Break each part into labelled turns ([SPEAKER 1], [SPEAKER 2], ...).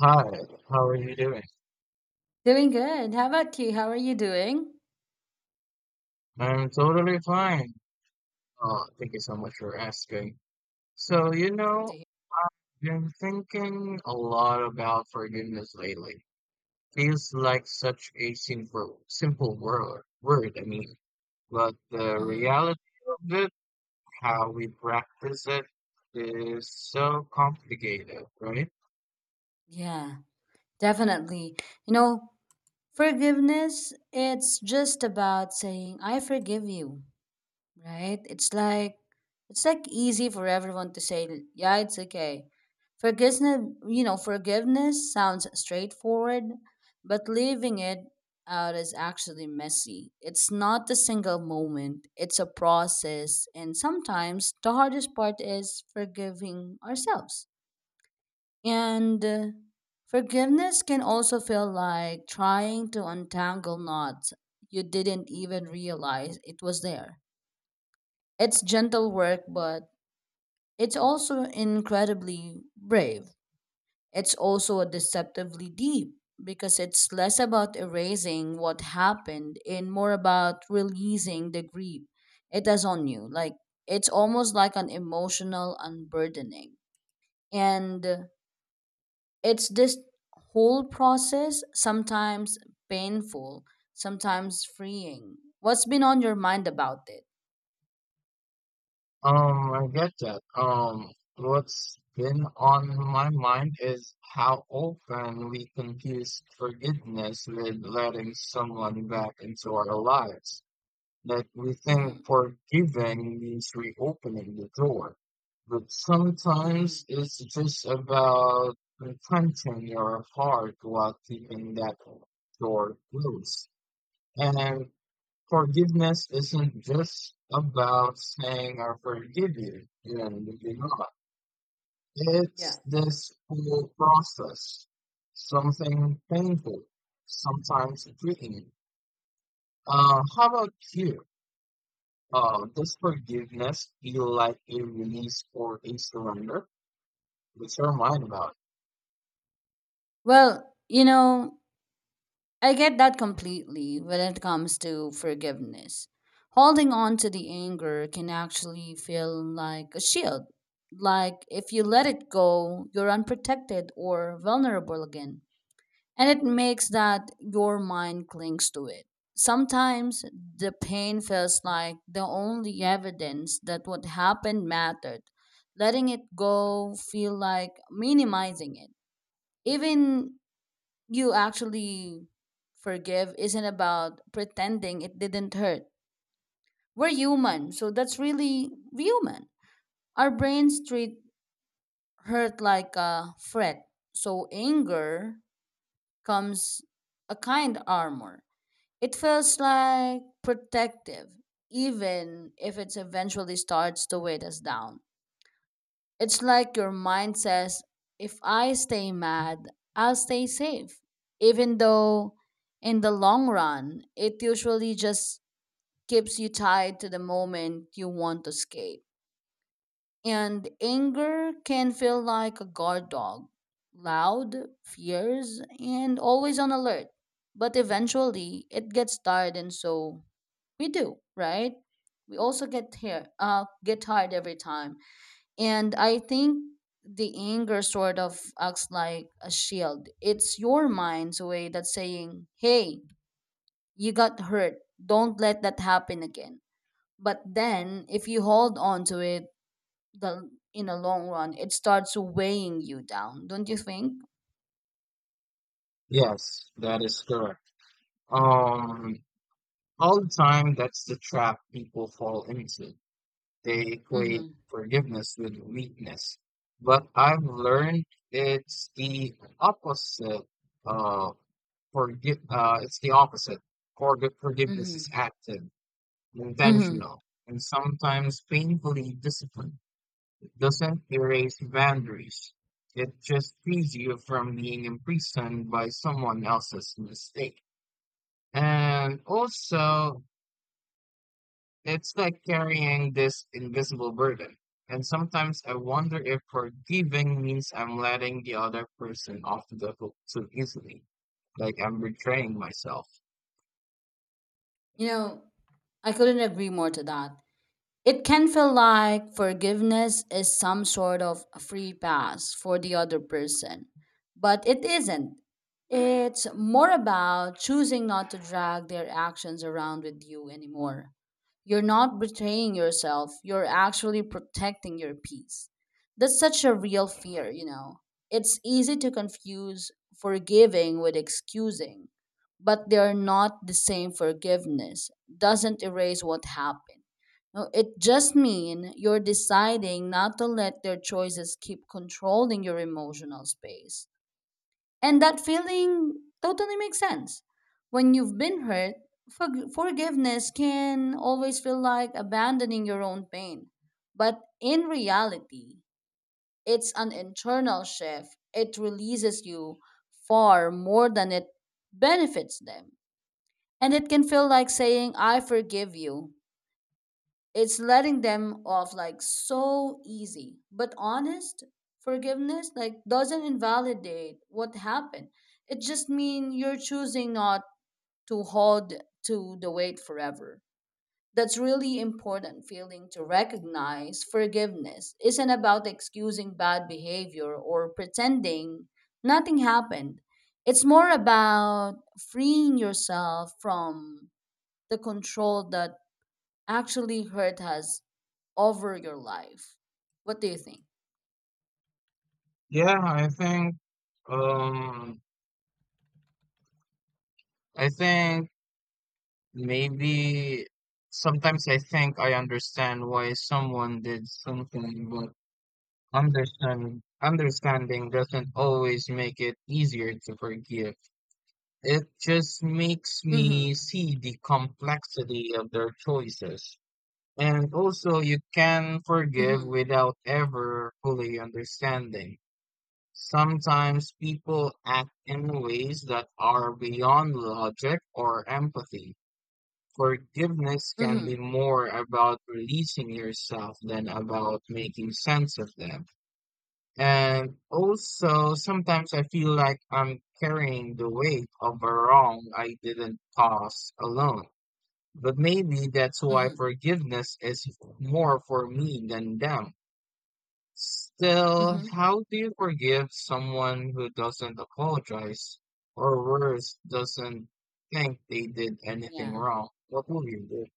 [SPEAKER 1] Hi, how are you doing?
[SPEAKER 2] Doing good. How about you? How are you doing?
[SPEAKER 1] I'm totally fine. Oh, thank you so much for asking. So, you
[SPEAKER 2] Good to
[SPEAKER 1] know,
[SPEAKER 2] hear.
[SPEAKER 1] been thinking a lot about forgiveness lately. Feels like such a simple word, but the
[SPEAKER 2] hmm
[SPEAKER 1] reality of it, how we practice it, is so complicated, right?
[SPEAKER 2] Yeah, definitely. You know, forgiveness, it's just about saying, I forgive you. Right? It's like easy for everyone to say, yeah, it's okay. Forgiveness, forgiveness sounds straightforward, but leaving it out is actually messy. It's not a single moment, it's a process, and sometimes the hardest part is forgiving ourselves. And Forgiveness can also feel like trying to untangle knots you didn't even realize it was there. It's gentle work, but it's also incredibly brave. It's also deceptively deep because it's less about erasing what happened and more about releasing the grief it has on you. Like, it's almost like an emotional unburdening. And it's this whole process, sometimes painful, sometimes freeing. What's been on your mind about it?
[SPEAKER 1] I get that. What's been on my mind is how often we confuse forgiveness with letting someone back into our lives. That we
[SPEAKER 2] Mm-hmm.
[SPEAKER 1] think forgiving means reopening the door. But
[SPEAKER 2] Mm-hmm.
[SPEAKER 1] sometimes it's just about confronting your heart while keeping that door closed. And forgiveness isn't just about saying I forgive you and moving on.
[SPEAKER 2] Yeah.
[SPEAKER 1] It's this whole process. Something painful, sometimes freeing. How about you? Does forgiveness feel like a release or a surrender? What's your mind about
[SPEAKER 2] Well, you know, I get that completely when it comes to forgiveness. Holding on to the anger can actually feel like a shield. Like if you let it go, you're unprotected or vulnerable again. And it makes that your mind clings to it. Sometimes the pain feels like the only evidence that what happened mattered. Letting it go feel like minimizing it. Even you actually forgive isn't about pretending it didn't hurt. We're human, so that's really human. Our brains treat hurt like a threat, so anger comes a kind armor. It feels like protective, even if it eventually starts to weigh us down. It's like your mind says, if I stay mad, I'll stay safe. Even though in the long run, it usually just keeps you tied to the moment you want to escape. And anger can feel like a guard dog, loud, fierce, and always on alert. But eventually, it gets tired, and so we do, right? We also get here, get tired every time, and I think the anger sort of acts like a shield. It's your mind's way that's saying, hey, you got hurt, don't let that happen again. But then if you hold on to it, the in the long run it starts weighing you down, don't you think?
[SPEAKER 1] it? Yes, that is correct. Um, all the time, that's the trap people fall into. They equate
[SPEAKER 2] Mm-hmm.
[SPEAKER 1] forgiveness with weakness. But I've learned it's the opposite. Uh, forgive. It's the opposite. Forgiveness is
[SPEAKER 2] Mm-hmm.
[SPEAKER 1] active,
[SPEAKER 2] Mm-hmm.
[SPEAKER 1] intentional, and sometimes painfully disciplined. It doesn't erase boundaries. It just frees you from being imprisoned by someone else's mistake. And also, it's like carrying this invisible burden. And sometimes I wonder if forgiving means I'm letting the other person off the hook too easily, like I'm betraying myself.
[SPEAKER 2] You know, I couldn't agree more to that. It can feel like forgiveness is some sort of free pass for the other person, but it isn't. It's more about choosing not to drag their actions around with you anymore. You're not betraying yourself, you're actually protecting your peace. That's such a real fear, you know. It's easy to confuse forgiving with excusing, but they're not the same forgiveness. Doesn't erase what happened. No, it just means you're deciding not to let their choices keep controlling your emotional space. And that feeling totally makes sense. When you've been hurt, forgiveness can always feel like abandoning your own pain. But in reality, it's an internal shift. It releases you far more than it benefits them. And it can feel like saying, I forgive you, it's letting them off like so easy. But honest forgiveness like doesn't invalidate what happened. It just means you're choosing not to hold to the weight forever. That's really important feeling to recognize. Forgiveness isn't about excusing bad behavior or pretending nothing happened. It's more about freeing yourself from the control that actually hurt us over your life. What do you think?
[SPEAKER 1] Yeah, I think um I think maybe sometimes I think I understand why someone did something, but understanding doesn't always make it easier to forgive. It just makes me
[SPEAKER 2] Mm-hmm.
[SPEAKER 1] see the complexity of their choices. And also, you can forgive
[SPEAKER 2] Mm-hmm.
[SPEAKER 1] without ever fully understanding. Sometimes people act in ways that are beyond logic or empathy. Forgiveness can be
[SPEAKER 2] Mm-hmm.
[SPEAKER 1] more about releasing yourself than about making sense of them. And also, sometimes I feel like I'm carrying the weight of a wrong I didn't cause alone. But maybe that's why
[SPEAKER 2] Mm-hmm.
[SPEAKER 1] forgiveness is more for me than them. Still,
[SPEAKER 2] Mm-hmm.
[SPEAKER 1] how do you forgive someone who doesn't apologize, or worse, doesn't think they did anything
[SPEAKER 2] Yeah.
[SPEAKER 1] wrong? What will you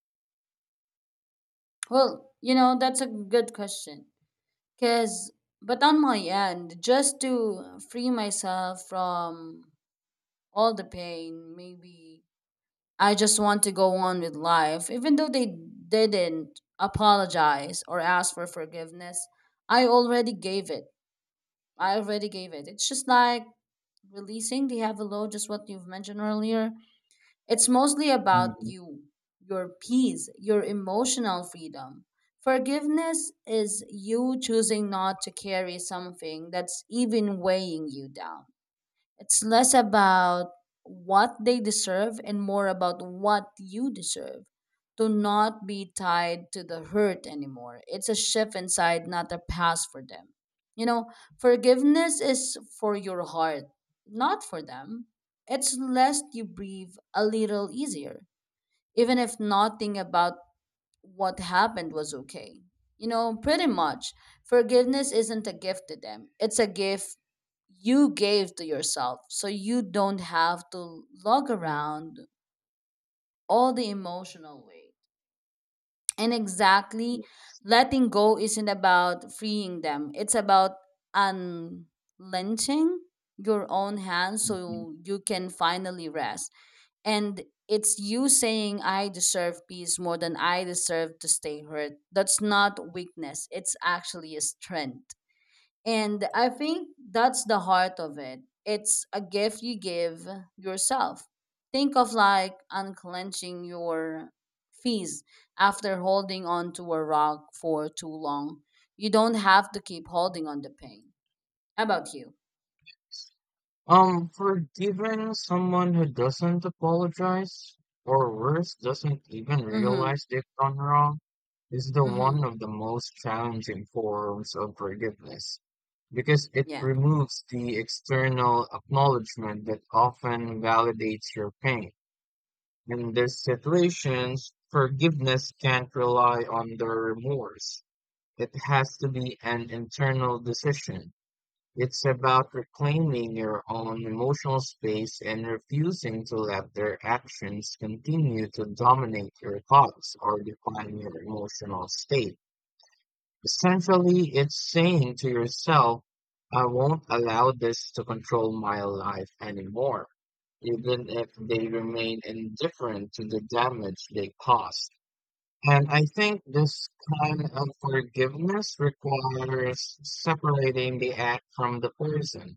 [SPEAKER 2] Well, you know, that's a good question. Cause but on my end, just to free myself from all the pain, maybe I just want to go on with life. Even though they didn't apologize or ask for forgiveness, I already gave it. I already gave it. It's just like releasing the have a load, just what you've mentioned earlier. It's mostly about
[SPEAKER 1] do?
[SPEAKER 2] you, your peace, your emotional freedom. Forgiveness is you choosing not to carry something that's even weighing you down. It's less about what they deserve and more about what you deserve. To not be tied to the hurt anymore. It's a shift inside, not a pass for them. You know, forgiveness is for your heart, not for them. It's lest you breathe a little easier, even if nothing about what happened was okay. You know, pretty much. Forgiveness isn't a gift to them, it's a gift you gave to yourself. So you don't have to lug around all the emotional weight. And exactly, letting go isn't about freeing them, it's about unlenching your own hands
[SPEAKER 1] Mhm.
[SPEAKER 2] so you can finally rest. And it's you saying, I deserve peace more than I deserve to stay hurt. That's not weakness, it's actually a strength. And I think that's the heart of it. It's a gift you give yourself. Think of like unclenching your fees after holding on to a rock for too long. You don't have to keep holding on the pain. How about you?
[SPEAKER 1] Forgiving someone who doesn't apologize, or worse, doesn't even
[SPEAKER 2] Mm-hmm.
[SPEAKER 1] realize they've done wrong, is the
[SPEAKER 2] Mm-hmm.
[SPEAKER 1] one of the most challenging forms of forgiveness because it
[SPEAKER 2] Yeah.
[SPEAKER 1] removes the external acknowledgement that often validates your pain. In these situations, forgiveness can't rely on the remorse. It has to be an internal decision. It's about reclaiming your own emotional space and refusing to let their actions continue to dominate your thoughts or define your emotional state. Essentially, it's saying to yourself, I won't allow this to control my life anymore, even if they remain indifferent to the damage they caused. And I think this kind of forgiveness requires separating the act from the person.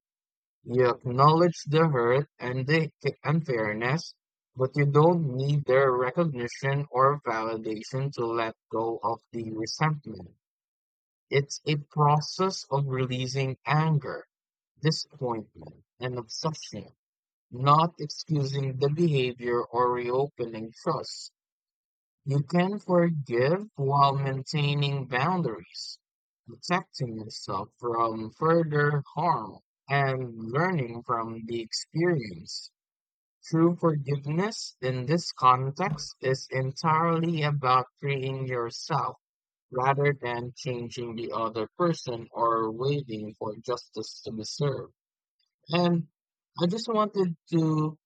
[SPEAKER 1] You acknowledge the hurt and the unfairness, but you don't need their recognition or validation to let go of the resentment. It's a process of releasing anger, disappointment, and obsession, not excusing the behavior or reopening trust. You can forgive while maintaining boundaries, protecting yourself from further harm, and learning from the experience. True forgiveness in this context is entirely about freeing yourself rather than changing the other person or waiting for justice to be served. And I just wanted to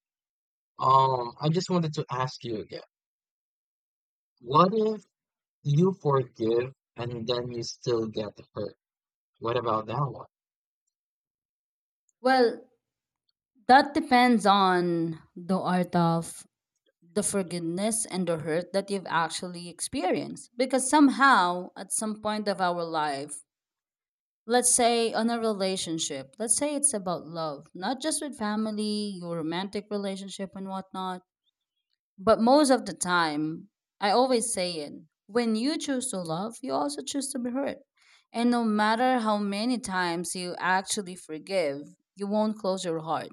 [SPEAKER 1] I just wanted to ask you again. What if you forgive and then you still get hurt? What about that one?
[SPEAKER 2] Well, that depends on the art of the forgiveness and the hurt that you've actually experienced. Because somehow, at some point of our life, let's say on a relationship, let's say it's about love, not just with family, your romantic relationship, and whatnot, but most of the time, I always say it, when you choose to love, you also choose to be hurt. And no matter how many times you actually forgive, you won't close your heart,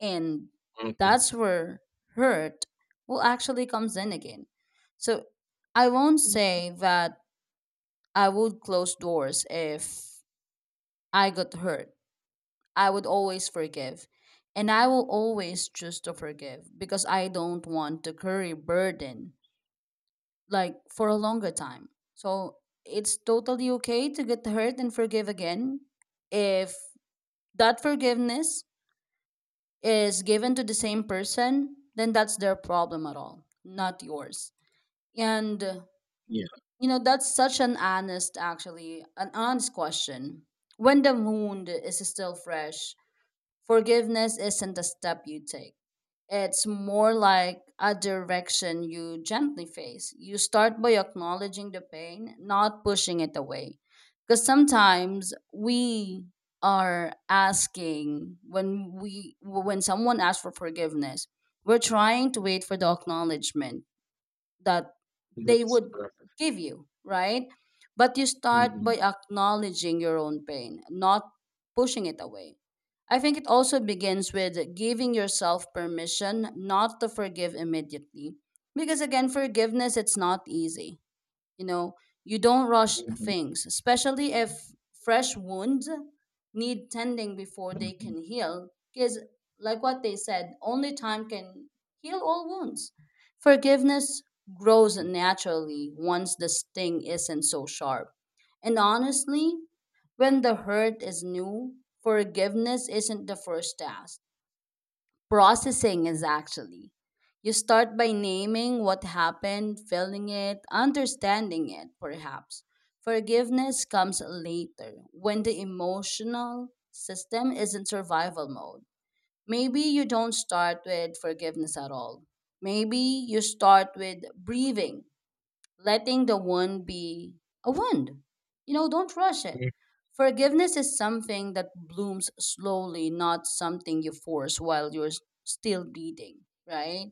[SPEAKER 2] and
[SPEAKER 1] Okay.
[SPEAKER 2] that's where hurt will actually comes in again. So I won't
[SPEAKER 1] Mm.
[SPEAKER 2] say that I would close doors if I got hurt. I would always forgive. And I will always choose to forgive because I don't want to carry burden like for a longer time. So it's totally okay to get hurt and forgive again if that forgiveness is given to the same person, then that's their problem at all, not yours. And
[SPEAKER 1] Yeah.
[SPEAKER 2] You know, that's such an honest actually, an honest question. When the wound is still fresh, forgiveness isn't a step you take. It's more like a direction you gently face. You start by acknowledging the pain, not pushing it away. Because sometimes we are asking when we when someone asks for forgiveness, we're trying to wait for the acknowledgement that
[SPEAKER 1] That
[SPEAKER 2] they
[SPEAKER 1] is
[SPEAKER 2] would
[SPEAKER 1] correct.
[SPEAKER 2] give you, right? But you start
[SPEAKER 1] Mhm,
[SPEAKER 2] by acknowledging your own pain, not pushing it away. I think it also begins with giving yourself permission not to forgive immediately. Because again, forgiveness it's not easy. You know, you don't rush
[SPEAKER 1] mhm,
[SPEAKER 2] things, especially if fresh wounds need tending before they
[SPEAKER 1] mhm,
[SPEAKER 2] can heal. Because, like what they said, only time can heal all wounds. Forgiveness grows naturally once the sting isn't so sharp. And honestly, when the hurt is new, forgiveness isn't the first task, processing is actually. You start by naming what happened, feeling it, understanding it, perhaps. Forgiveness comes later when the emotional system is in survival mode. Maybe you don't start with forgiveness at all. Maybe you start with breathing, letting the wound be a wound. You know, don't rush it.
[SPEAKER 1] mhm.
[SPEAKER 2] Forgiveness is something that blooms slowly, not something you force while you're still bleeding, right?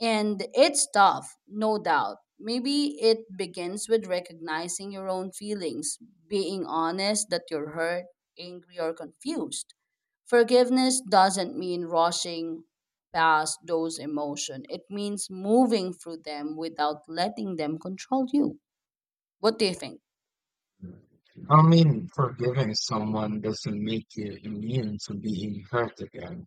[SPEAKER 2] And it's tough, no doubt. Maybe it begins with recognizing your own feelings, being honest that you're hurt, angry, or confused. Forgiveness doesn't mean rushing past those emotions. It means moving through them without letting them control you. What do you think?
[SPEAKER 1] I mean, forgiving someone doesn't make you immune to being hurt again.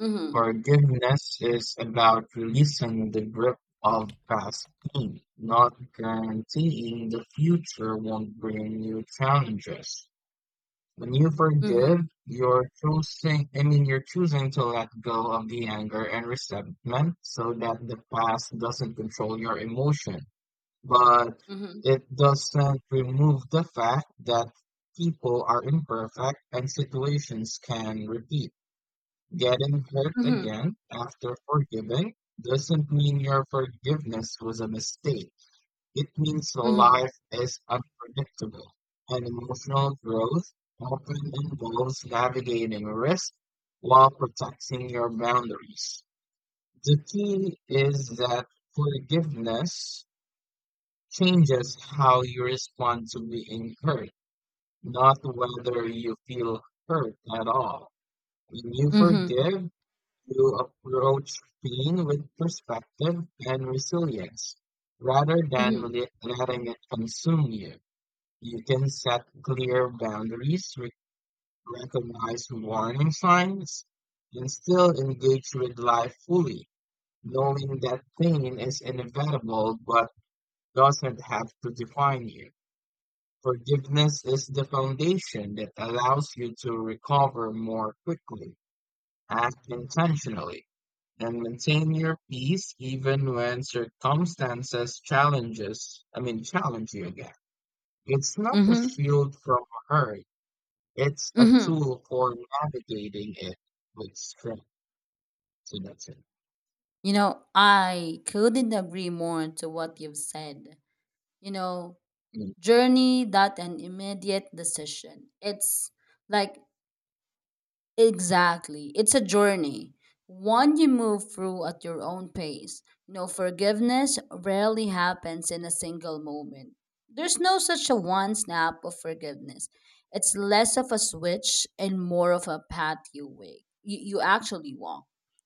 [SPEAKER 2] Mm-hmm.
[SPEAKER 1] Forgiveness is about releasing the grip of past pain, not guaranteeing the future won't bring new challenges. When you
[SPEAKER 2] Mm-hmm.
[SPEAKER 1] forgive, you're choosing to let go of the anger and resentment so that the past doesn't control your emotion. But
[SPEAKER 2] Mm-hmm.
[SPEAKER 1] it doesn't remove the fact that people are imperfect and situations can repeat. Getting hurt
[SPEAKER 2] Mm-hmm.
[SPEAKER 1] again after forgiving doesn't mean your forgiveness was a mistake. It means
[SPEAKER 2] Mm-hmm.
[SPEAKER 1] life is unpredictable, and emotional growth often involves navigating risk while protecting your boundaries. The key is that forgiveness changes how you respond to being hurt, not whether you feel hurt at all. When you
[SPEAKER 2] Mm-hmm.
[SPEAKER 1] forgive, you approach pain with perspective and resilience rather than
[SPEAKER 2] Mm-hmm.
[SPEAKER 1] letting it consume you. You can set clear boundaries, recognize warning signs, and still engage with life fully, knowing that pain is inevitable but doesn't have to define you. Forgiveness is the foundation that allows you to recover more quickly, act intentionally, and maintain your peace even when circumstances challenges, I mean challenge you again. It's not a
[SPEAKER 2] Mm-hmm.
[SPEAKER 1] shield from hurt. It's a
[SPEAKER 2] Mm-hmm.
[SPEAKER 1] tool for navigating it with strength, so that's it.
[SPEAKER 2] You know, I couldn't agree more to what you've said. You know,
[SPEAKER 1] Mm.
[SPEAKER 2] journey that an immediate decision. It's like exactly. It's a journey, one you move through at your own pace. You know, forgiveness rarely happens in a single moment. There's no such a one snap of forgiveness. It's less of a switch and more of a path you wake. You actually walk.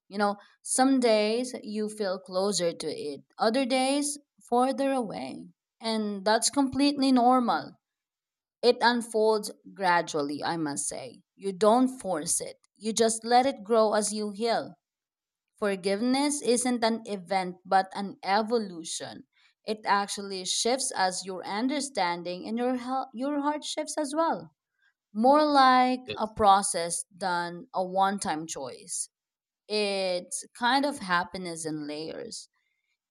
[SPEAKER 2] You know, some days you feel closer to it, other days farther away. And that's completely normal. It unfolds gradually, I must say. You don't force it, you just let it grow as you heal. Forgiveness isn't an event but an evolution. It actually shifts as your understanding and your, your heart shifts as well. More like a
[SPEAKER 1] It's,
[SPEAKER 2] process than a one time choice. It's kind of happiness in layers,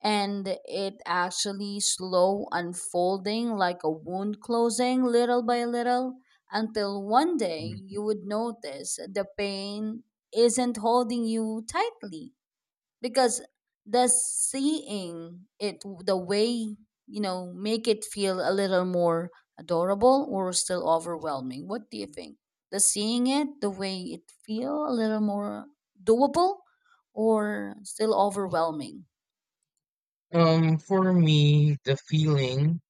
[SPEAKER 2] and it actually slow unfolding like a wound closing little by little until one day
[SPEAKER 1] mm.
[SPEAKER 2] you would notice the pain isn't holding you tightly. Because the seeing it the way, you know, make it feel a little more adorable or still overwhelming. What do you think? The seeing it the way it feel a little more doable or still overwhelming?
[SPEAKER 1] For me, the feeling,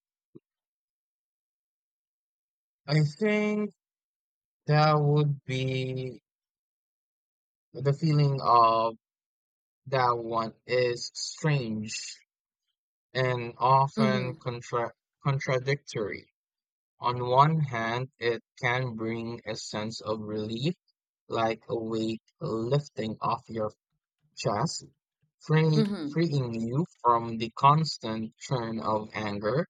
[SPEAKER 1] I think that would be the feeling of that one is strange and often
[SPEAKER 2] Mm-hmm.
[SPEAKER 1] contradictory. On one hand, it can bring a sense of relief, like a weight lifting off your chess,
[SPEAKER 2] Mhm,
[SPEAKER 1] freeing you from the constant churn of anger,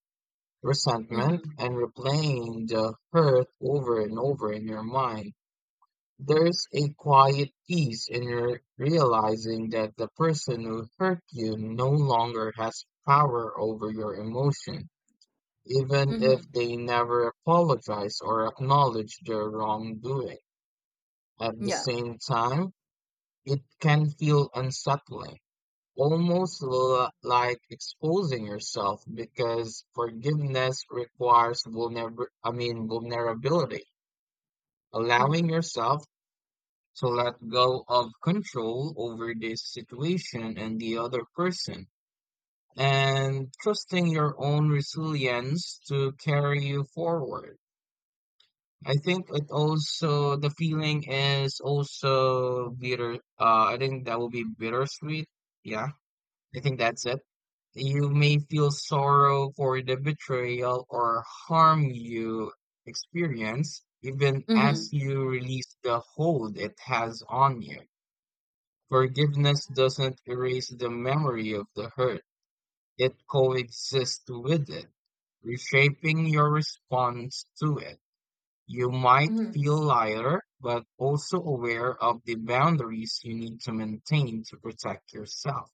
[SPEAKER 1] resentment,
[SPEAKER 2] mhm,
[SPEAKER 1] and replaying the hurt over and over in your mind. There's a quiet peace in your realizing that the person who hurt you no longer has power over your emotion, even if
[SPEAKER 2] mhm.
[SPEAKER 1] they never apologize or acknowledge their wrongdoing. At the
[SPEAKER 2] Yeah.
[SPEAKER 1] same time, it can feel unsettling, almost like exposing yourself, because forgiveness requires vulnerability, allowing
[SPEAKER 2] Mhm,
[SPEAKER 1] yourself to let go of control over this situation and the other person, and trusting your own resilience to carry you forward. I think it also the feeling is also bittersweet. Yeah. I think that's it. You may feel sorrow for the betrayal or harm you experience, even as
[SPEAKER 2] mhm,
[SPEAKER 1] you release the hold it has on you. Forgiveness doesn't erase the memory of the hurt, it coexists with it, reshaping your response to it. You might
[SPEAKER 2] mhm,
[SPEAKER 1] feel lighter, but also aware of the boundaries you need to maintain to protect yourself.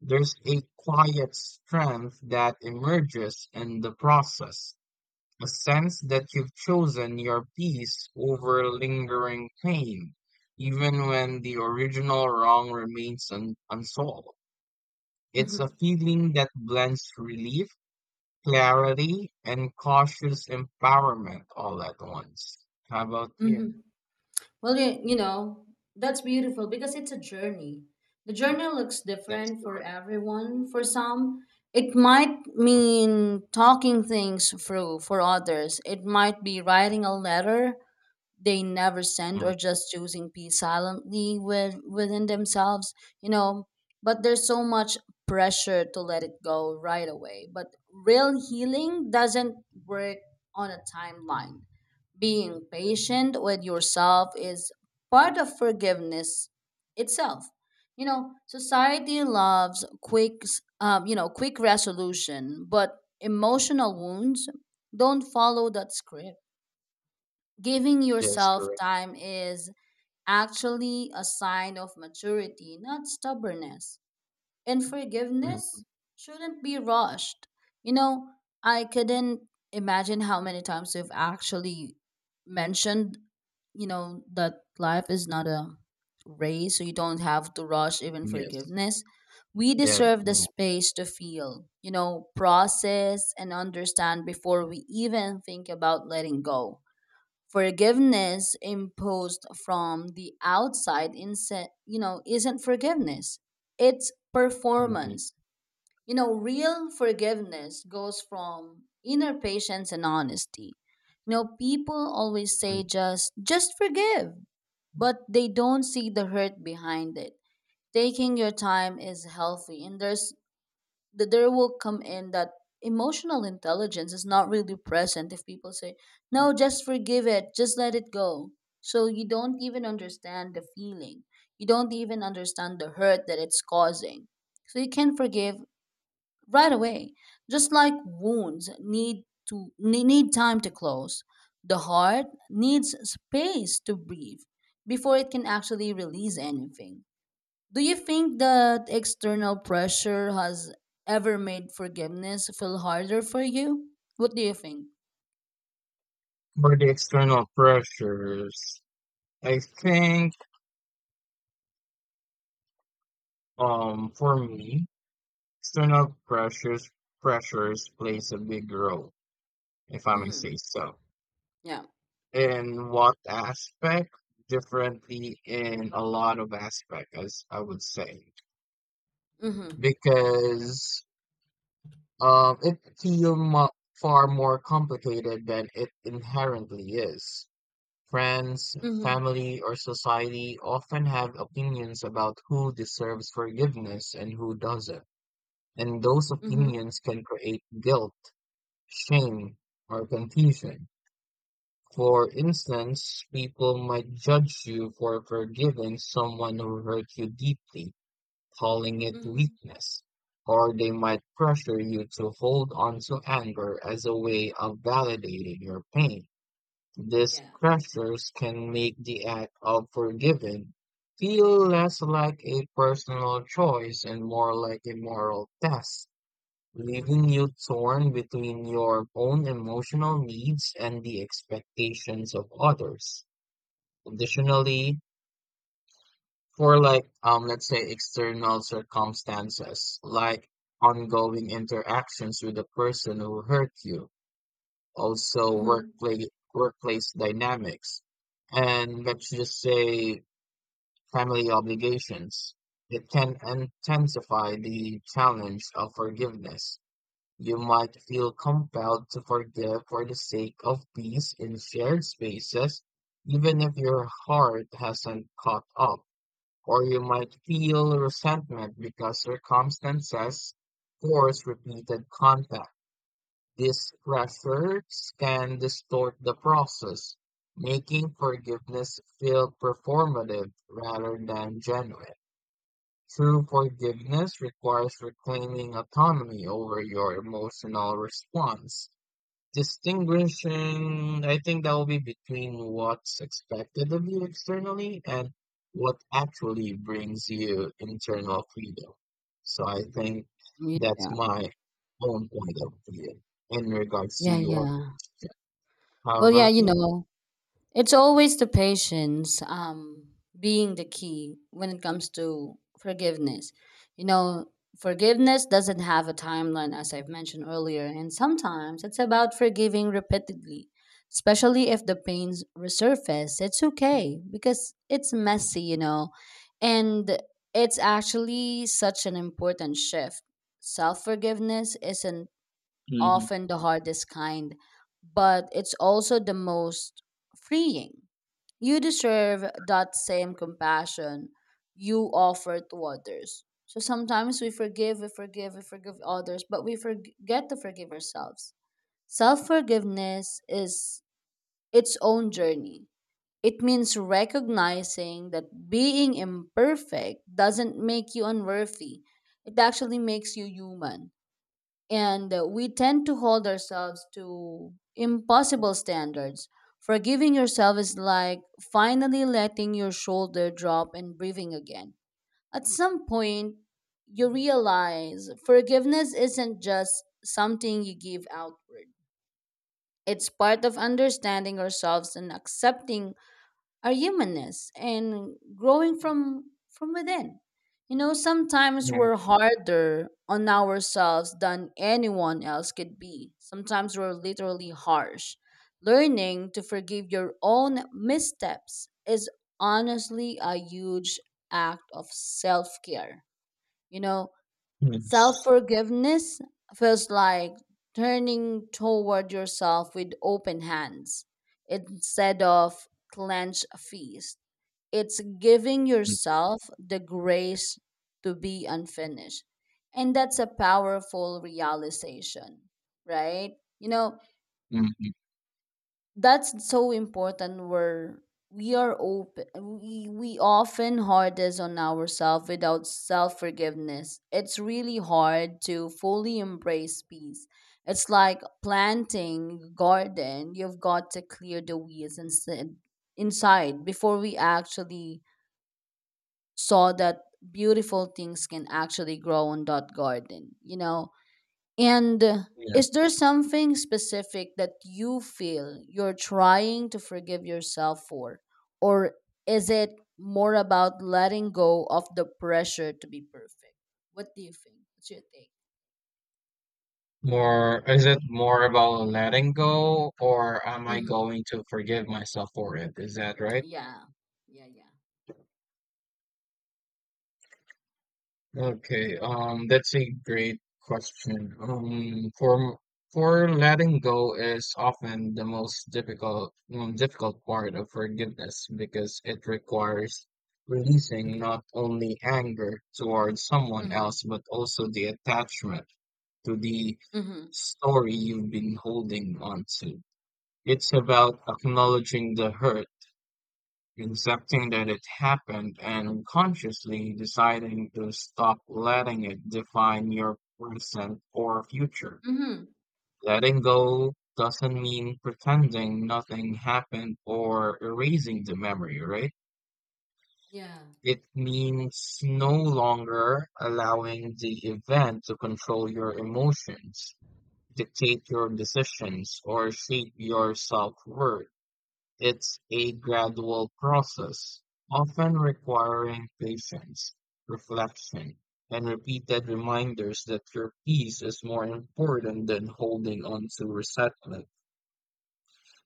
[SPEAKER 1] There's a quiet strength that emerges in the process, a sense that you've chosen your peace over lingering pain, even when the original wrong remains unsolved. It's a
[SPEAKER 2] mhm,
[SPEAKER 1] feeling that blends relief, clarity, and cautious empowerment all at once. How about you?
[SPEAKER 2] mhm. Well, you know, that's beautiful because it's a journey. The journey looks
[SPEAKER 1] That is
[SPEAKER 2] different for
[SPEAKER 1] correct.
[SPEAKER 2] everyone. For some, it might mean talking things through. For others, it might be writing a letter they never send
[SPEAKER 1] Mhm.
[SPEAKER 2] or just choosing peace silently with, within themselves, you know. But there's so much pressure to let it go right away. But real healing doesn't work on a timeline. Being patient with yourself is part of forgiveness itself. You know, society loves quick, quick resolution, but emotional wounds don't follow that script. Giving
[SPEAKER 1] That is
[SPEAKER 2] yourself
[SPEAKER 1] correct.
[SPEAKER 2] time is actually a sign of maturity, not stubbornness. And
[SPEAKER 1] Mhm.
[SPEAKER 2] forgiveness shouldn't be rushed. You know, I couldn't imagine how many times you've actually mentioned, you know, that life is not a race, so you don't have to rush even
[SPEAKER 1] Yes.
[SPEAKER 2] forgiveness. We
[SPEAKER 1] That.
[SPEAKER 2] deserve the
[SPEAKER 1] Mm,
[SPEAKER 2] space to feel, you know, process and understand before we even think about letting go. Forgiveness imposed from the outside, you know, isn't forgiveness, it's
[SPEAKER 1] mhm.
[SPEAKER 2] performance. You know, real forgiveness goes from inner patience and honesty. You know, people always say
[SPEAKER 1] Mhm.
[SPEAKER 2] just forgive, but they don't see the hurt behind it. Taking your time is healthy, and there's that there will come in that emotional intelligence is not really present if people say, no, just forgive it, just let it go. So you don't even understand the feeling, you don't even understand the hurt that it's causing, so you can forgive right away. Just like wounds need time to close, the heart needs space to breathe before it can actually release anything. Do you think that external pressure has ever made forgiveness feel harder for you? What do you think?
[SPEAKER 1] For the external pressures, I think for me, external pressures plays a big role, if I may
[SPEAKER 2] Mm-hmm.
[SPEAKER 1] say so.
[SPEAKER 2] Yeah.
[SPEAKER 1] In what aspect? Differently in a lot of aspect, as I would say,
[SPEAKER 2] Mm-hmm.
[SPEAKER 1] because it feel mu far more complicated than it inherently is. Friends,
[SPEAKER 2] Mm-hmm.
[SPEAKER 1] family, or society often have opinions about who deserves forgiveness and who doesn't. And those
[SPEAKER 2] Mm-hmm.
[SPEAKER 1] opinions can create guilt, shame, or confusion. For instance, people might judge you for forgiving someone who hurt you deeply, calling it
[SPEAKER 2] Mm-hmm.
[SPEAKER 1] weakness. Or they might pressure you to hold on to anger as a way of validating your pain. These
[SPEAKER 2] Yeah.
[SPEAKER 1] pressures can make the act of forgiving feel less like a personal choice and more like a moral test, leaving you torn between your own emotional needs and the expectations of others. Additionally, for like let's say external circumstances like ongoing interactions with the person who hurt you, also
[SPEAKER 2] Mm-hmm.
[SPEAKER 1] workplace dynamics, and let's just say family obligations. It can intensify the challenge of forgiveness. You might feel compelled to forgive for the sake of peace in shared spaces, even if your heart hasn't caught up. Or you might feel resentment because circumstances force repeated contact. These pressures can distort the process, making forgiveness feel performative rather than genuine. True forgiveness requires reclaiming autonomy over your emotional response, distinguishing, I think that will be, between what's expected of you externally and what actually brings you internal freedom. So I think that's
[SPEAKER 2] Yeah,
[SPEAKER 1] my own point of view in regards to
[SPEAKER 2] yeah,
[SPEAKER 1] your,
[SPEAKER 2] yeah.
[SPEAKER 1] how
[SPEAKER 2] Well, yeah,
[SPEAKER 1] about
[SPEAKER 2] you
[SPEAKER 1] you?
[SPEAKER 2] know. It's always the patience, being the key when it comes to forgiveness. You know, forgiveness doesn't have a timeline, as I've mentioned earlier, and sometimes it's about forgiving repeatedly, especially if the pains resurface. It's okay because it's messy, you know, and it's actually such an important shift. Self forgiveness isn't
[SPEAKER 1] Mm-hmm.
[SPEAKER 2] often the hardest kind, but it's also the most freeing. You deserve that same compassion you offer to others. So sometimes we forgive others, but we forget to forgive ourselves. Self-forgiveness is its own journey. It means recognizing that being imperfect doesn't make you unworthy. It actually makes you human, and we tend to hold ourselves to impossible standards. Forgiving yourself is like finally letting your shoulder drop and breathing again. At some point, you realize forgiveness isn't just something you give outward. It's part of understanding ourselves and accepting our humanness and growing from within. You know, sometimes
[SPEAKER 1] Yeah.
[SPEAKER 2] we're harder on ourselves than anyone else could be. Sometimes we're literally harsh. Learning to forgive your own missteps is honestly a huge act of self-care. You know,
[SPEAKER 1] Yes.
[SPEAKER 2] self-forgiveness feels like turning toward yourself with open hands instead of clenched fists. It's giving yourself the grace to be unfinished. And that's a powerful realization, right? You know,
[SPEAKER 1] Mm-hmm.
[SPEAKER 2] that's so important. Where we are open, we often hardest on ourselves. Without self-forgiveness, it's really hard to fully embrace peace. It's like planting garden, you've got to clear the weeds instead inside before we actually saw that beautiful things can actually grow on that garden, you know? And
[SPEAKER 1] Yeah.
[SPEAKER 2] is there something specific that you feel you're trying to forgive yourself for? Or is it more about letting go of the pressure to be perfect? What do you think? What's your take?
[SPEAKER 1] More, is it more about letting go, or am I
[SPEAKER 2] Mm-hmm.
[SPEAKER 1] going to forgive myself for it? Is that right?
[SPEAKER 2] Yeah. Yeah, yeah.
[SPEAKER 1] Okay, that's a great question. For letting go is often the most difficult part of forgiveness because it requires releasing not only anger towards someone
[SPEAKER 2] Mm-hmm.
[SPEAKER 1] else but also the attachment to the
[SPEAKER 2] Mm-hmm.
[SPEAKER 1] story you've been holding on to. It's about acknowledging the hurt, accepting that it happened and consciously deciding to stop letting it define your present or future.
[SPEAKER 2] Mm-hmm.
[SPEAKER 1] Letting go doesn't mean pretending nothing happened or erasing the memory, right?
[SPEAKER 2] Yeah.
[SPEAKER 1] It means no longer allowing the event to control your emotions, dictate your decisions, or shape your self worth. It's a gradual process, often requiring patience, reflection, and repeated reminders that your peace is more important than holding on to resentment.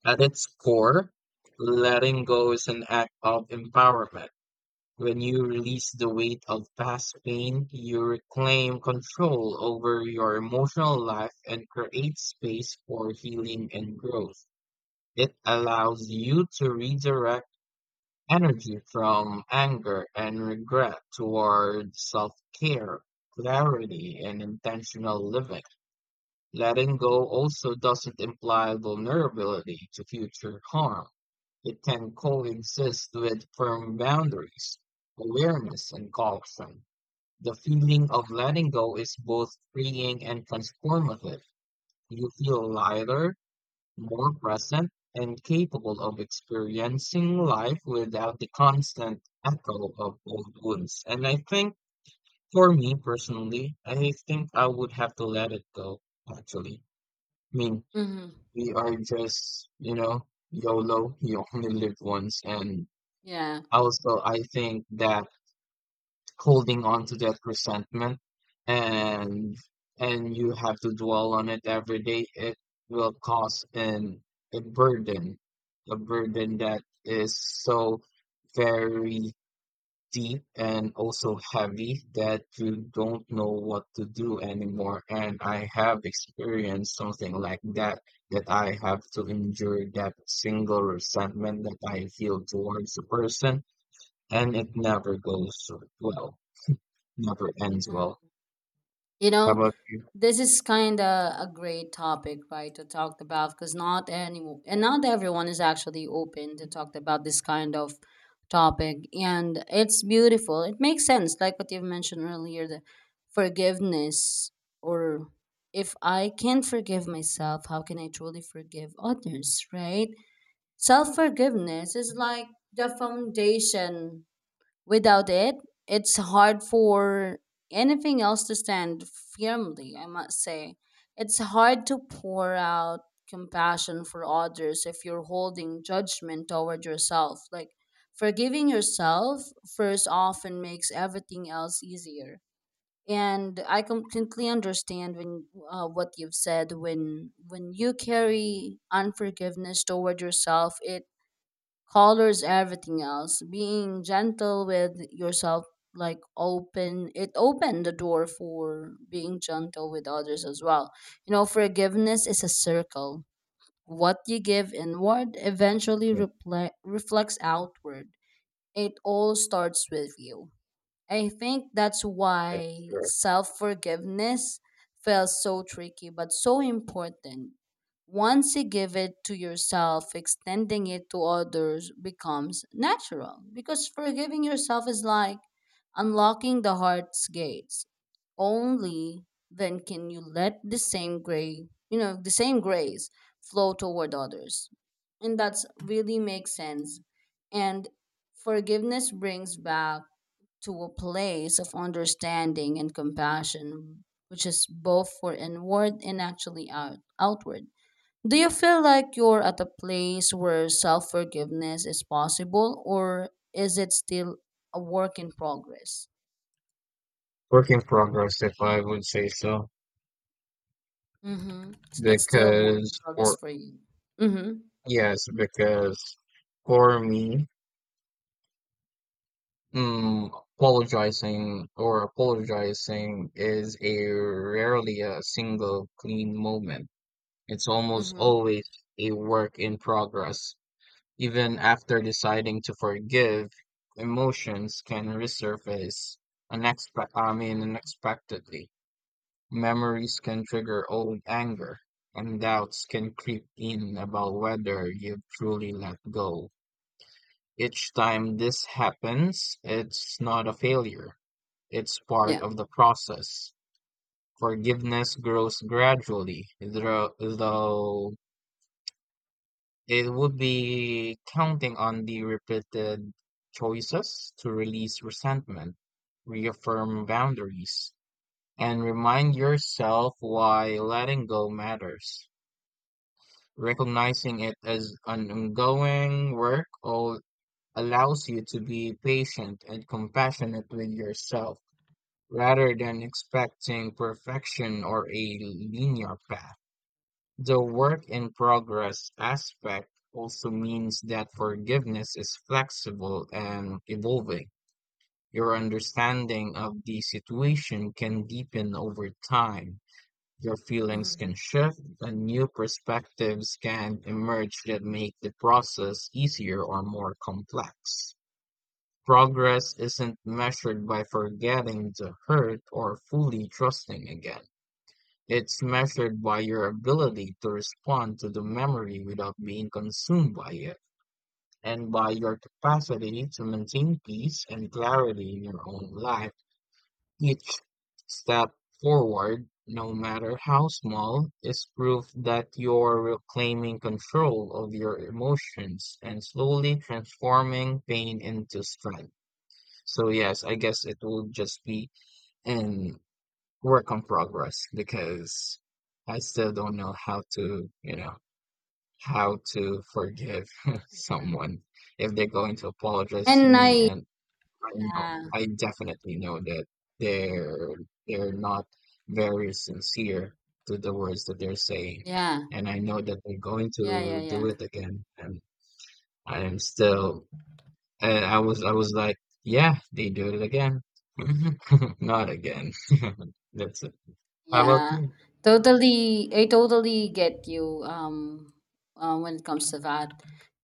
[SPEAKER 1] At its core, letting go is an act of empowerment. When you release the weight of past pain, you reclaim control over your emotional life and create space for healing and growth. It allows you to redirect energy from anger and regret toward self-care, clarity, and intentional living. Letting go also doesn't imply vulnerability to future harm. It can coexist with firm boundaries, awareness, and caution. The feeling of letting go is both freeing and transformative. You feel lighter, more present and capable of experiencing life without the constant echo of old wounds. And I think for me personally, I think I would have to let it go, actually. I mean,
[SPEAKER 2] Mm-hmm.
[SPEAKER 1] we are just, YOLO, you only live once. And
[SPEAKER 2] Yeah.
[SPEAKER 1] also, I think that holding on to that resentment and and you have to dwell on it every day it will cause an a burden, a burden that is so very deep and also heavy that you don't know what to do anymore. And I have experienced something like that, that I have to endure that single resentment that I feel towards a person, and it never goes well, never ends well.
[SPEAKER 2] You
[SPEAKER 1] How
[SPEAKER 2] know,
[SPEAKER 1] about you?
[SPEAKER 2] this is kind of a great topic, right, to talk about because not any and not everyone is actually open to talk about this kind of topic, and it's beautiful. It makes sense, like what you've mentioned earlier, the forgiveness, or if I can forgive myself, how can I truly forgive others, right? Self forgiveness is like the foundation. Without it, it's hard for anything else to stand firmly, I must say. It's hard to pour out compassion for others if you're holding judgment toward yourself. Like, forgiving yourself first often makes everything else easier. And I completely understand when what you've said. When you carry unforgiveness toward yourself, it colors everything else. Being gentle with yourself, like opened the door for being gentle with others as well. You know, forgiveness is a circle. What you give inward eventually
[SPEAKER 1] Yeah,
[SPEAKER 2] reflects outward. It all starts with you. I think that's
[SPEAKER 1] that's
[SPEAKER 2] why
[SPEAKER 1] sure.
[SPEAKER 2] self forgiveness feels so tricky but so important. Once you give it to yourself, extending it to others becomes natural because forgiving yourself is like unlocking the heart's gates. Only then can you let the same grace, you know, the same grace flow toward others. And that's really makes sense. And forgiveness brings back to a place of understanding and compassion, which is both for inward and actually outward. Do you feel like you're at a place where self forgiveness is possible, or is it still a work in progress?
[SPEAKER 1] Work in progress, if I would say so.
[SPEAKER 2] Mm-hmm. So that's still a work
[SPEAKER 1] Because,
[SPEAKER 2] in progress
[SPEAKER 1] or
[SPEAKER 2] for you. Mm-hmm.
[SPEAKER 1] yes, because for me, mm, apologizing or apologizing is a rarely a single clean moment. It's almost
[SPEAKER 2] Mm-hmm.
[SPEAKER 1] always a work in progress. Even after deciding to forgive, emotions can resurface
[SPEAKER 2] Yeah.
[SPEAKER 1] unexpectedly. Memories can trigger old anger, and doubts can creep in about whether you've truly let go. Each time this happens, it's not a failure, it's part
[SPEAKER 2] Yeah.
[SPEAKER 1] of the process. Forgiveness grows gradually, though it would be counting on the repeated choices to release resentment, reaffirm boundaries, and remind yourself why letting go matters. Recognizing it as an ongoing work allows you to be patient and compassionate with yourself rather than expecting perfection or a linear path. The work in progress aspect also means that forgiveness is flexible and evolving. Your understanding of the situation can deepen over time, your feelings
[SPEAKER 2] Mm-hmm.
[SPEAKER 1] can shift, and new perspectives can emerge that make the process easier or more complex. Progress isn't measured by forgetting the hurt or fully trusting again. It's measured by your ability to respond to the memory without being consumed by it, and by
[SPEAKER 2] Yeah.
[SPEAKER 1] your capacity to maintain peace and clarity in your own life. Each step forward, no matter how small, is proof that you're reclaiming control of your emotions and slowly transforming pain into strength. So, yes, I guess it will just be in work on progress because I still don't know how to forgive someone if they're going to apologize to
[SPEAKER 2] And
[SPEAKER 1] me
[SPEAKER 2] I.
[SPEAKER 1] and I know.
[SPEAKER 2] Yeah.
[SPEAKER 1] I definitely know that they're they're not very sincere to the words that they're saying,
[SPEAKER 2] Yeah.
[SPEAKER 1] and I know that they're going
[SPEAKER 2] Yeah.
[SPEAKER 1] to
[SPEAKER 2] Yeah.
[SPEAKER 1] do it again. And I am still. And I was like, yeah, they do it again. Not again.
[SPEAKER 2] Yeah.
[SPEAKER 1] That's it. How about
[SPEAKER 2] Yeah,
[SPEAKER 1] you?
[SPEAKER 2] totally. I totally get you, when it comes to that.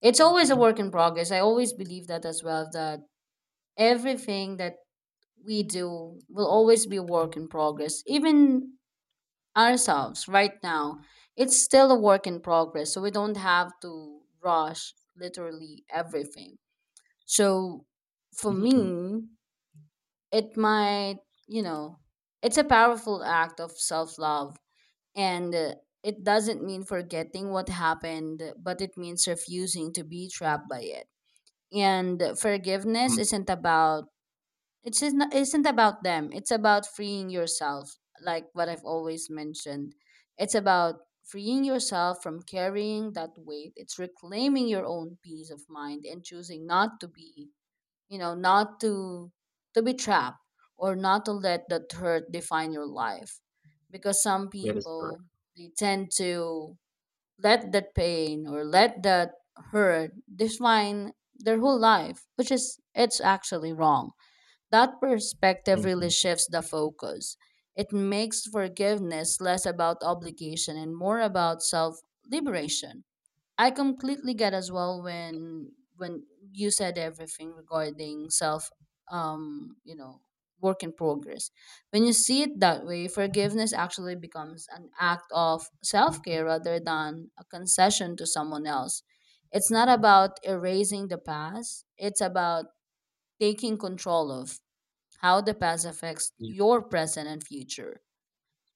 [SPEAKER 2] It's always a work in progress. I always believe that as well, that everything that we do will always be a work in progress. Even ourselves right now, it's still a work in progress. So we don't have to rush literally everything. So for
[SPEAKER 1] Mhm.
[SPEAKER 2] me, it might, you know, it's a powerful act of self love, and it doesn't mean forgetting what happened, but it means refusing to be trapped by it. And forgiveness
[SPEAKER 1] Mm.
[SPEAKER 2] isn't about, it's isn't about them. It's about freeing yourself, like what I've always mentioned. It's about freeing yourself from carrying that weight. It's reclaiming your own peace of mind and choosing not to be, you know, not to to be trapped, or not to let that hurt define your life, because some
[SPEAKER 1] That is correct.
[SPEAKER 2] people they tend to let that pain or let that hurt define their whole life, which is it's actually wrong. That perspective really
[SPEAKER 1] Mhm.
[SPEAKER 2] shifts the focus. It makes forgiveness less about obligation and more about self liberation. I completely get as well when you said everything regarding self, you know, work in progress. When you see it that way, forgiveness actually becomes an act of self-care rather than a concession to someone else. It's not about erasing the past, it's about taking control of how the past affects
[SPEAKER 1] Yeah,
[SPEAKER 2] your present and future.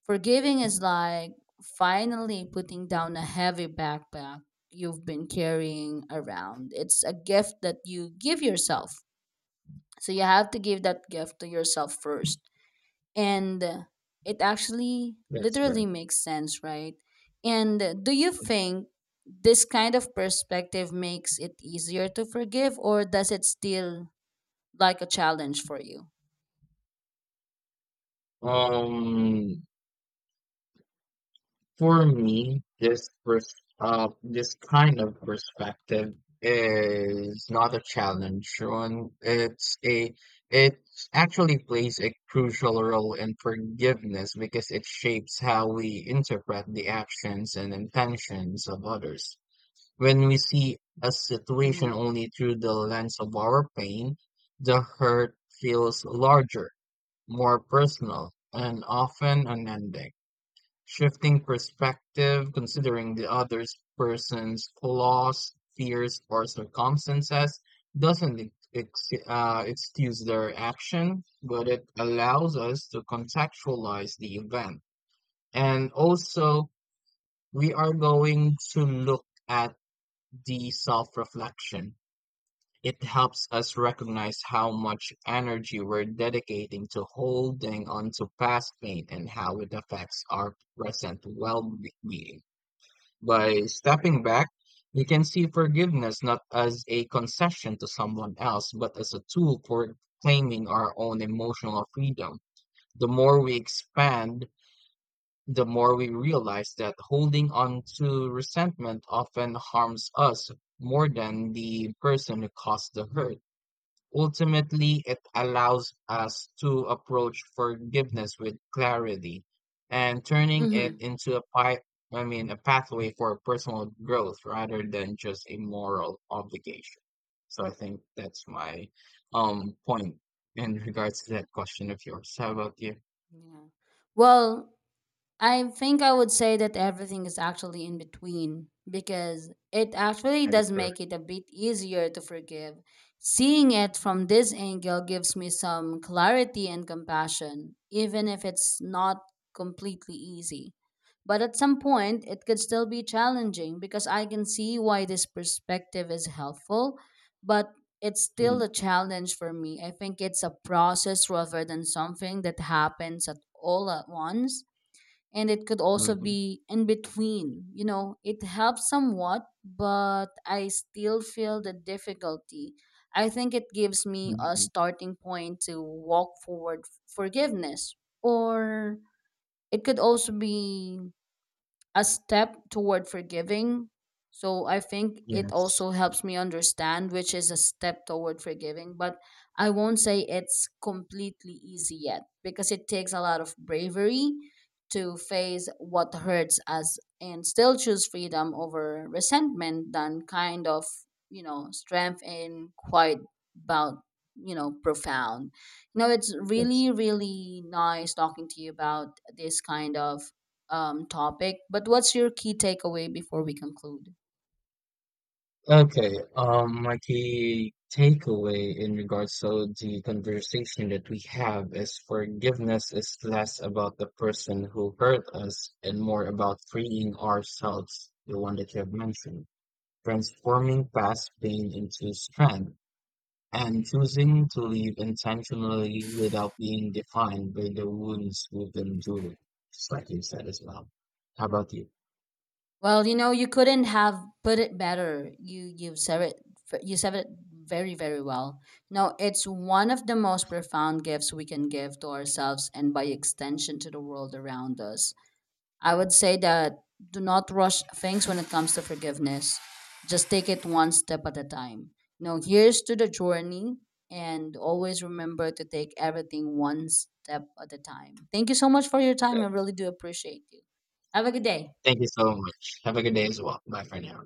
[SPEAKER 2] Forgiving is like finally putting down a heavy backpack you've been carrying around. It's a gift that you give yourself. So you have to give that gift to yourself first. And it actually
[SPEAKER 1] that's right.
[SPEAKER 2] literally makes sense, right? And do you think this kind of perspective makes it easier to forgive, or does it still like a challenge for you?
[SPEAKER 1] Um, For me, this kind of perspective is not a challenge. One, it actually plays a crucial role in forgiveness because it shapes how we interpret the actions and intentions of others. When we see a situation
[SPEAKER 2] Mm.
[SPEAKER 1] only through the lens of our pain, the hurt feels larger, more personal, and often unending. Shifting perspective, considering the other person's flaws, fears, or circumstances, doesn't ex- excuse their action, but it allows us to contextualize the event. And also, we are going to look at the self reflection. It helps us recognize how much energy we're dedicating to holding on to past pain and how it affects our present well being. By stepping back, you can see forgiveness not as a concession to someone else, but as a tool for claiming our own emotional freedom. The more we expand, the more we realize that holding on to resentment often harms us more than the person who caused the hurt. Ultimately, it allows us to approach forgiveness with clarity and turning it
[SPEAKER 2] Hmm.
[SPEAKER 1] into a pi- I mean, a pathway for personal growth rather than just a moral obligation. So I think that's my point in regards to that question of yours. How about you?
[SPEAKER 2] Yeah. Well, I think I would say that everything is actually in between because it actually
[SPEAKER 1] That is
[SPEAKER 2] does
[SPEAKER 1] correct.
[SPEAKER 2] make it a bit easier to forgive. Seeing it from this angle gives me some clarity and compassion, even if it's not completely easy. But at some point, it could still be challenging because I can see why this perspective is helpful, but it's still
[SPEAKER 1] Mhm,
[SPEAKER 2] a challenge for me. I think it's a process rather than something that happens at all at once, and it could also
[SPEAKER 1] mhm,
[SPEAKER 2] be in between, you know, it helps somewhat but I still feel the difficulty. I think it gives me a
[SPEAKER 1] mhm.
[SPEAKER 2] starting point to walk forward. Forgiveness, or it could also be a step toward forgiving. So I think it
[SPEAKER 1] Yes.
[SPEAKER 2] also helps me understand which is a step toward forgiving, but I won't say it's completely easy yet because it takes a lot of bravery to face what hurts as and still choose freedom over resentment than kind of, you know, strength in quite about, you know, profound. You know, it's
[SPEAKER 1] Yes.
[SPEAKER 2] really, really nice talking to you about this kind of topic, but what's your key takeaway before we conclude?
[SPEAKER 1] Okay, my key takeaway in regards to the conversation that we have is forgiveness is less about the person who hurt us and more about freeing ourselves, the one that you have mentioned, transforming past pain into strength, and choosing to live intentionally without being defined by the wounds we've endured, just like you said as well. How about you?
[SPEAKER 2] Well, you know, you couldn't have put it better. You you said it very very well. No, it's one of the most profound gifts we can give to ourselves and by extension to the world around us. I would say that do not rush things when it comes to forgiveness. Just take it one step at a time. You know, here's to the journey and always remember to take everything one step at a time. Thank you so much for your time. I really do appreciate you. Have a good day.
[SPEAKER 1] Thank you so much. Have a good day as well. Bye for now.